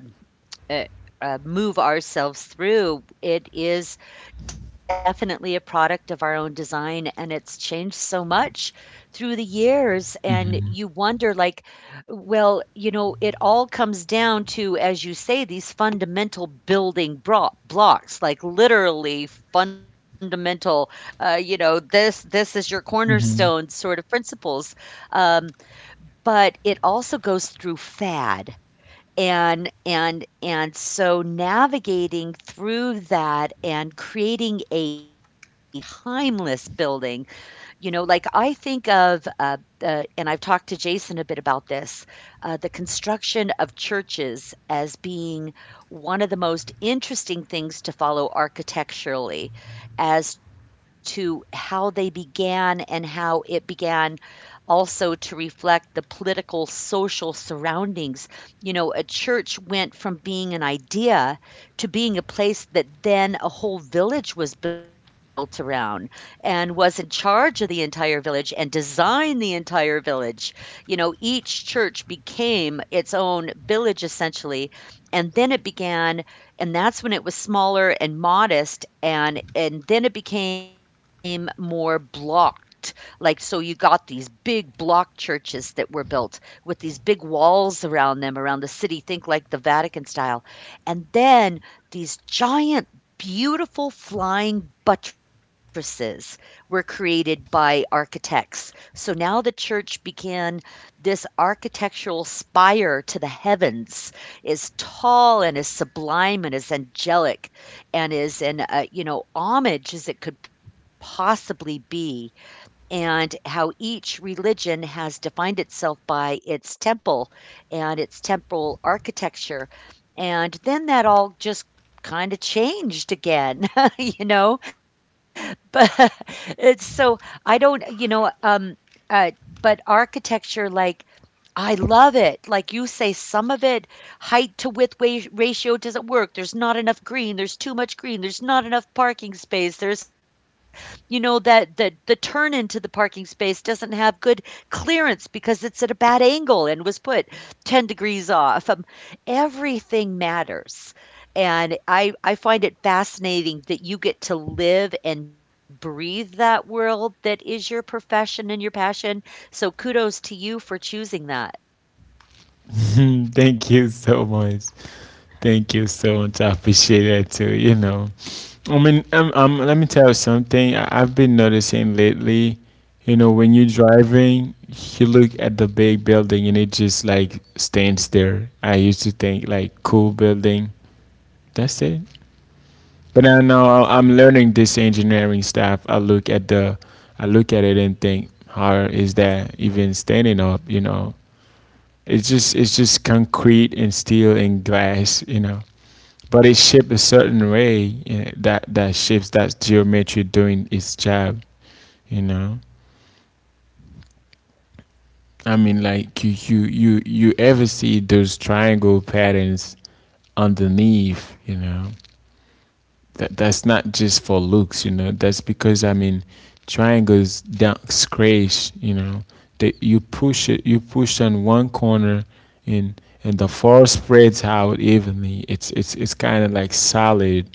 Speaker 1: uh, move ourselves through. It is definitely a product of our own design, and it's changed so much through the years. And
Speaker 2: Hmm.
Speaker 1: you wonder, like, well, you know, it all comes down to, as you say, these fundamental blocks, like literally fundamental, you know, this is your
Speaker 2: Hmm.
Speaker 1: cornerstone sort of principles. Um, but it also goes through fad, and so navigating through that and creating a timeless building, you know, like I think of, and I've talked to Jason a bit about this, the construction of churches as being one of the most interesting things to follow architecturally as to how they began and how it began, also to reflect the political, social surroundings. You know, a church went from being an idea to being a place that then a whole village was built around and was in charge of the entire village and designed the entire village. You know, each church became its own village essentially. And then it began, and that's when it was smaller and modest, and then it became more blocked. Like, so you got these big block churches that were built with these big walls around them, around the city, think like the Vatican style. And then these giant beautiful flying buttresses were created by architects. So now the church began this architectural spire to the heavens, is tall and as sublime and as angelic and is in, you know, homage as it could possibly be, and how each religion has defined itself by its temple and its temple architecture. And then that all just kind of changed again, you know? But it's so, I don't, you know, uh, but architecture, like, I love it. Like you say, some of it, height to width ratio doesn't work. There's not enough green. There's too much green. There's not enough parking space. There's, you know, that the turn into the parking space doesn't have good clearance because it's at a bad angle and was put 10 degrees off. Everything matters. And I find it fascinating that you get to live and breathe that world that is your profession and your passion, so kudos to you for choosing that.
Speaker 2: Thank you so much. Thank you so much. I appreciate that too. You know. I mean, let me tell you something. I've been noticing lately, you know, when you're driving, you look at the big building and it just like stands there. I used to think, like, cool building, that's it. But I know, I'm learning this engineering stuff. I look at it and think, how is that even standing up? You know, it's just, it's just concrete and steel and glass. You know, but it's shaped a certain way, eh, that that shapes that geometry doing its job, you know. I mean, like, you you ever see those triangle patterns underneath, you know? That's not just for looks, you know. That's because, I mean, triangles don't scratch, you know. That you push it You push on one corner, and and the force spreads out evenly. It's kind of like solid.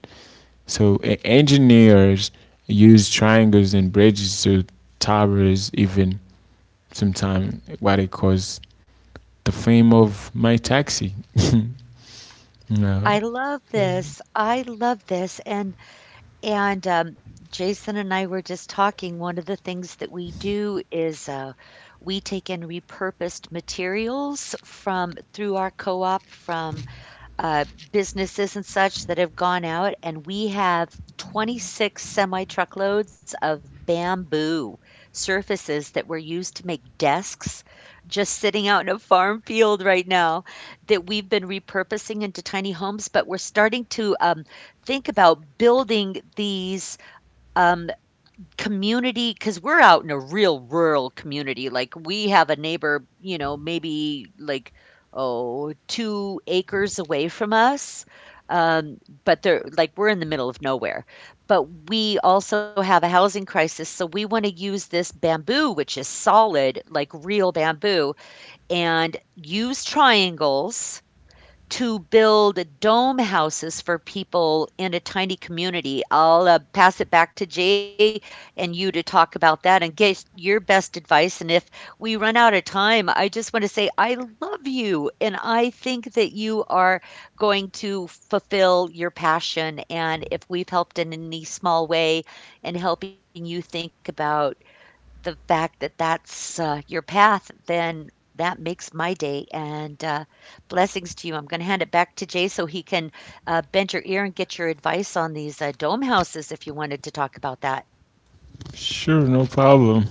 Speaker 2: So engineers use triangles and bridges to towers, even sometimes what it calls the fame of my taxi.
Speaker 1: I
Speaker 2: No,
Speaker 1: love this. I love this. And Jason and I were just talking. One of the things that we do is we take in repurposed materials from through our co-op from uh, businesses and such that have gone out, and we have 26 semi truckloads of bamboo surfaces that were used to make desks just sitting out in a farm field right now that we've been repurposing into tiny homes, but we're starting to think about building these. Um, Community, because 'cause we're out in a real rural community. Like, we have a neighbor, you know, maybe, like, oh, 2 acres away from us, um, but they're like, we're in the middle of nowhere, but we also have a housing crisis, so we wanna use this bamboo, which is solid, like real bamboo, and use triangles to build dome houses for people in a tiny community. I'll pass it back to Jay and you to talk about that and get your best advice. And if we run out of time, I just want to say I love you and I think that you are going to fulfill your passion. And if we've helped in any small way and helping you think about the fact that that's, your path, then that makes my day, and, blessings to you. I'm gonna hand it back to Jay so he can, bend your ear and get your advice on these, dome houses if you wanted to talk about that.
Speaker 2: sure, no problem.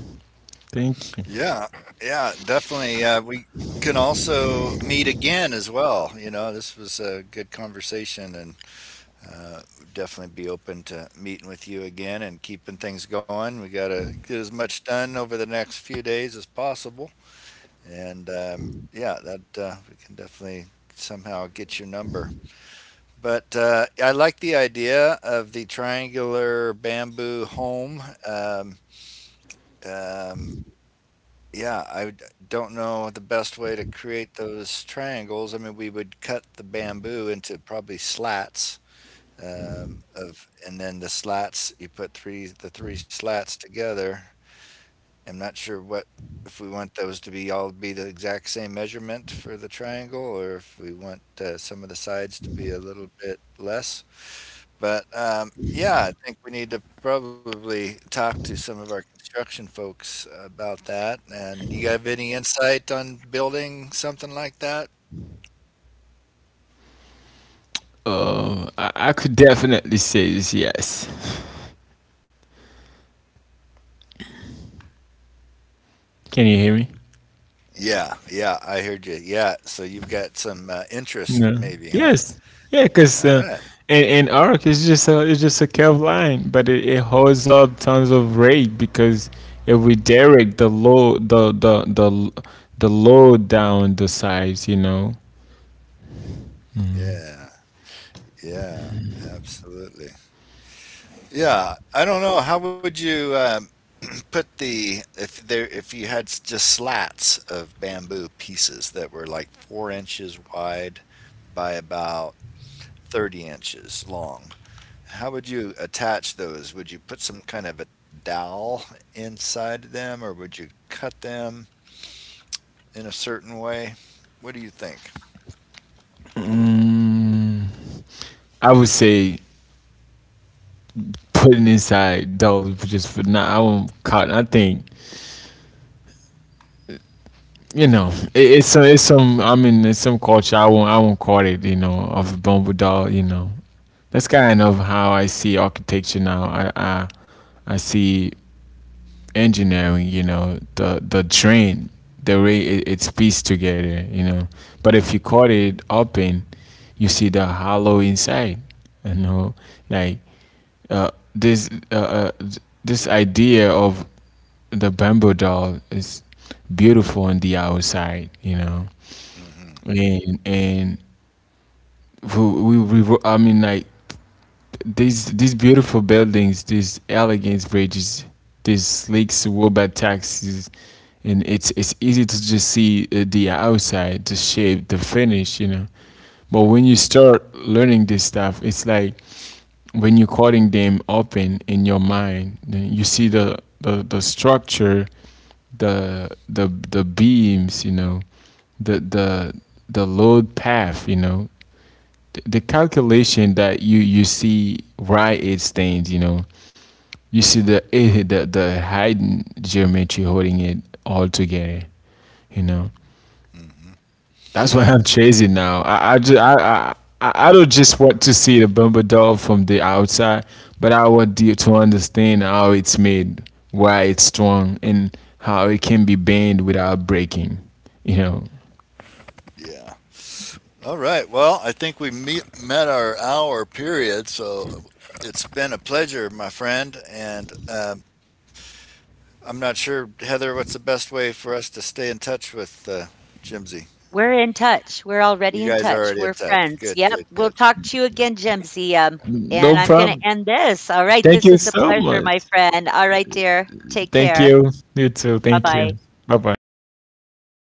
Speaker 2: Thank you.
Speaker 3: Yeah, yeah, definitely. We can also meet again as well. You know, this was a good conversation. And uh, definitely be open to meeting with you again and keeping things going. We got to get as much done over the next few days as possible. And yeah, that we can definitely somehow get your number. But I like the idea of the triangular bamboo home. Um, um, yeah, don't know the best way to create those triangles. I mean, we would cut the bamboo into probably slats of and then the slats, you put three slats together. I'm not sure what, if we want those to be all be the exact same measurement for the triangle, or if we want some of the sides to be a little bit less. But yeah, I think we need to probably talk to some of our construction folks about that. And you have any insight on building something like that?
Speaker 2: I could definitely say this. Yes. Can you hear me?
Speaker 3: Yeah, yeah, I heard you. Yeah, so you've got some interest
Speaker 2: No.
Speaker 3: maybe, huh?
Speaker 2: Yes. Yeah, because
Speaker 3: All right.
Speaker 2: in arc, it's just a, it's just a curved line, but it holds up tons of rate because if we direct the load, the load down the sides, you know.
Speaker 3: Yeah, yeah, absolutely. Yeah, I don't know. How would you put the, if there, if you had just slats of bamboo pieces that were like 4 inches wide by about 30 inches long? How would you attach those? Would you put some kind of a dowel inside them, or would you cut them in a certain way? What do you think?
Speaker 2: I would say putting inside dollars just for now. I won't cut. I think, you know, it, it's some, it's some, I mean, it's some culture. I won't, I won't call it, you know, of a bumble doll. You know, that's kind of how I see architecture now. I see engineering, you know, the train, the way it's pieced together, you know. But if you cut it open, you see the hollow inside, you know. Like, uh, this uh, uh, th- this idea of the bamboo doll is beautiful on the outside, you know.
Speaker 3: Hmm.
Speaker 2: And we I mean, like, these beautiful buildings, these elegant bridges, these sleek suburban taxis, and it's easy to just see the outside, the shape, the finish, you know. But when you start learning this stuff, it's like, when you're cutting them open in your mind, then you see the, the structure, the beams, you know, the the the load path, you know, the calculation that you see, right, it stains, you know. You see the the hidden geometry holding it all together, you know.
Speaker 3: Hmm.
Speaker 2: That's why I'm chasing now. I don't just want to see the Bumble doll from the outside, but I want you to understand how it's made, why it's strong, and how it can be bent without breaking. You know,
Speaker 3: Yeah. All right. Well, I think we met our hour period, so it's been a pleasure, my friend. And I'm not sure, Heather, what's the best way for us to stay in touch with Jimsy?
Speaker 1: We're in touch. We're already in touch.
Speaker 3: You
Speaker 1: We're
Speaker 3: guys are already in
Speaker 1: friends. Yep.
Speaker 3: touch.
Speaker 1: We'll
Speaker 3: Good,
Speaker 1: talk
Speaker 3: good,
Speaker 1: to you
Speaker 3: good.
Speaker 1: again, Jimsy. And I'm
Speaker 2: no
Speaker 1: going to
Speaker 2: problem.
Speaker 1: end this. All right. This
Speaker 2: Thank
Speaker 1: was a
Speaker 2: you so
Speaker 1: pleasure, my
Speaker 2: much.
Speaker 1: friend. All right, dear. Take
Speaker 2: Thank
Speaker 1: care.
Speaker 2: you. You too.
Speaker 1: Bye
Speaker 2: Thank
Speaker 1: bye.
Speaker 2: you. Bye bye.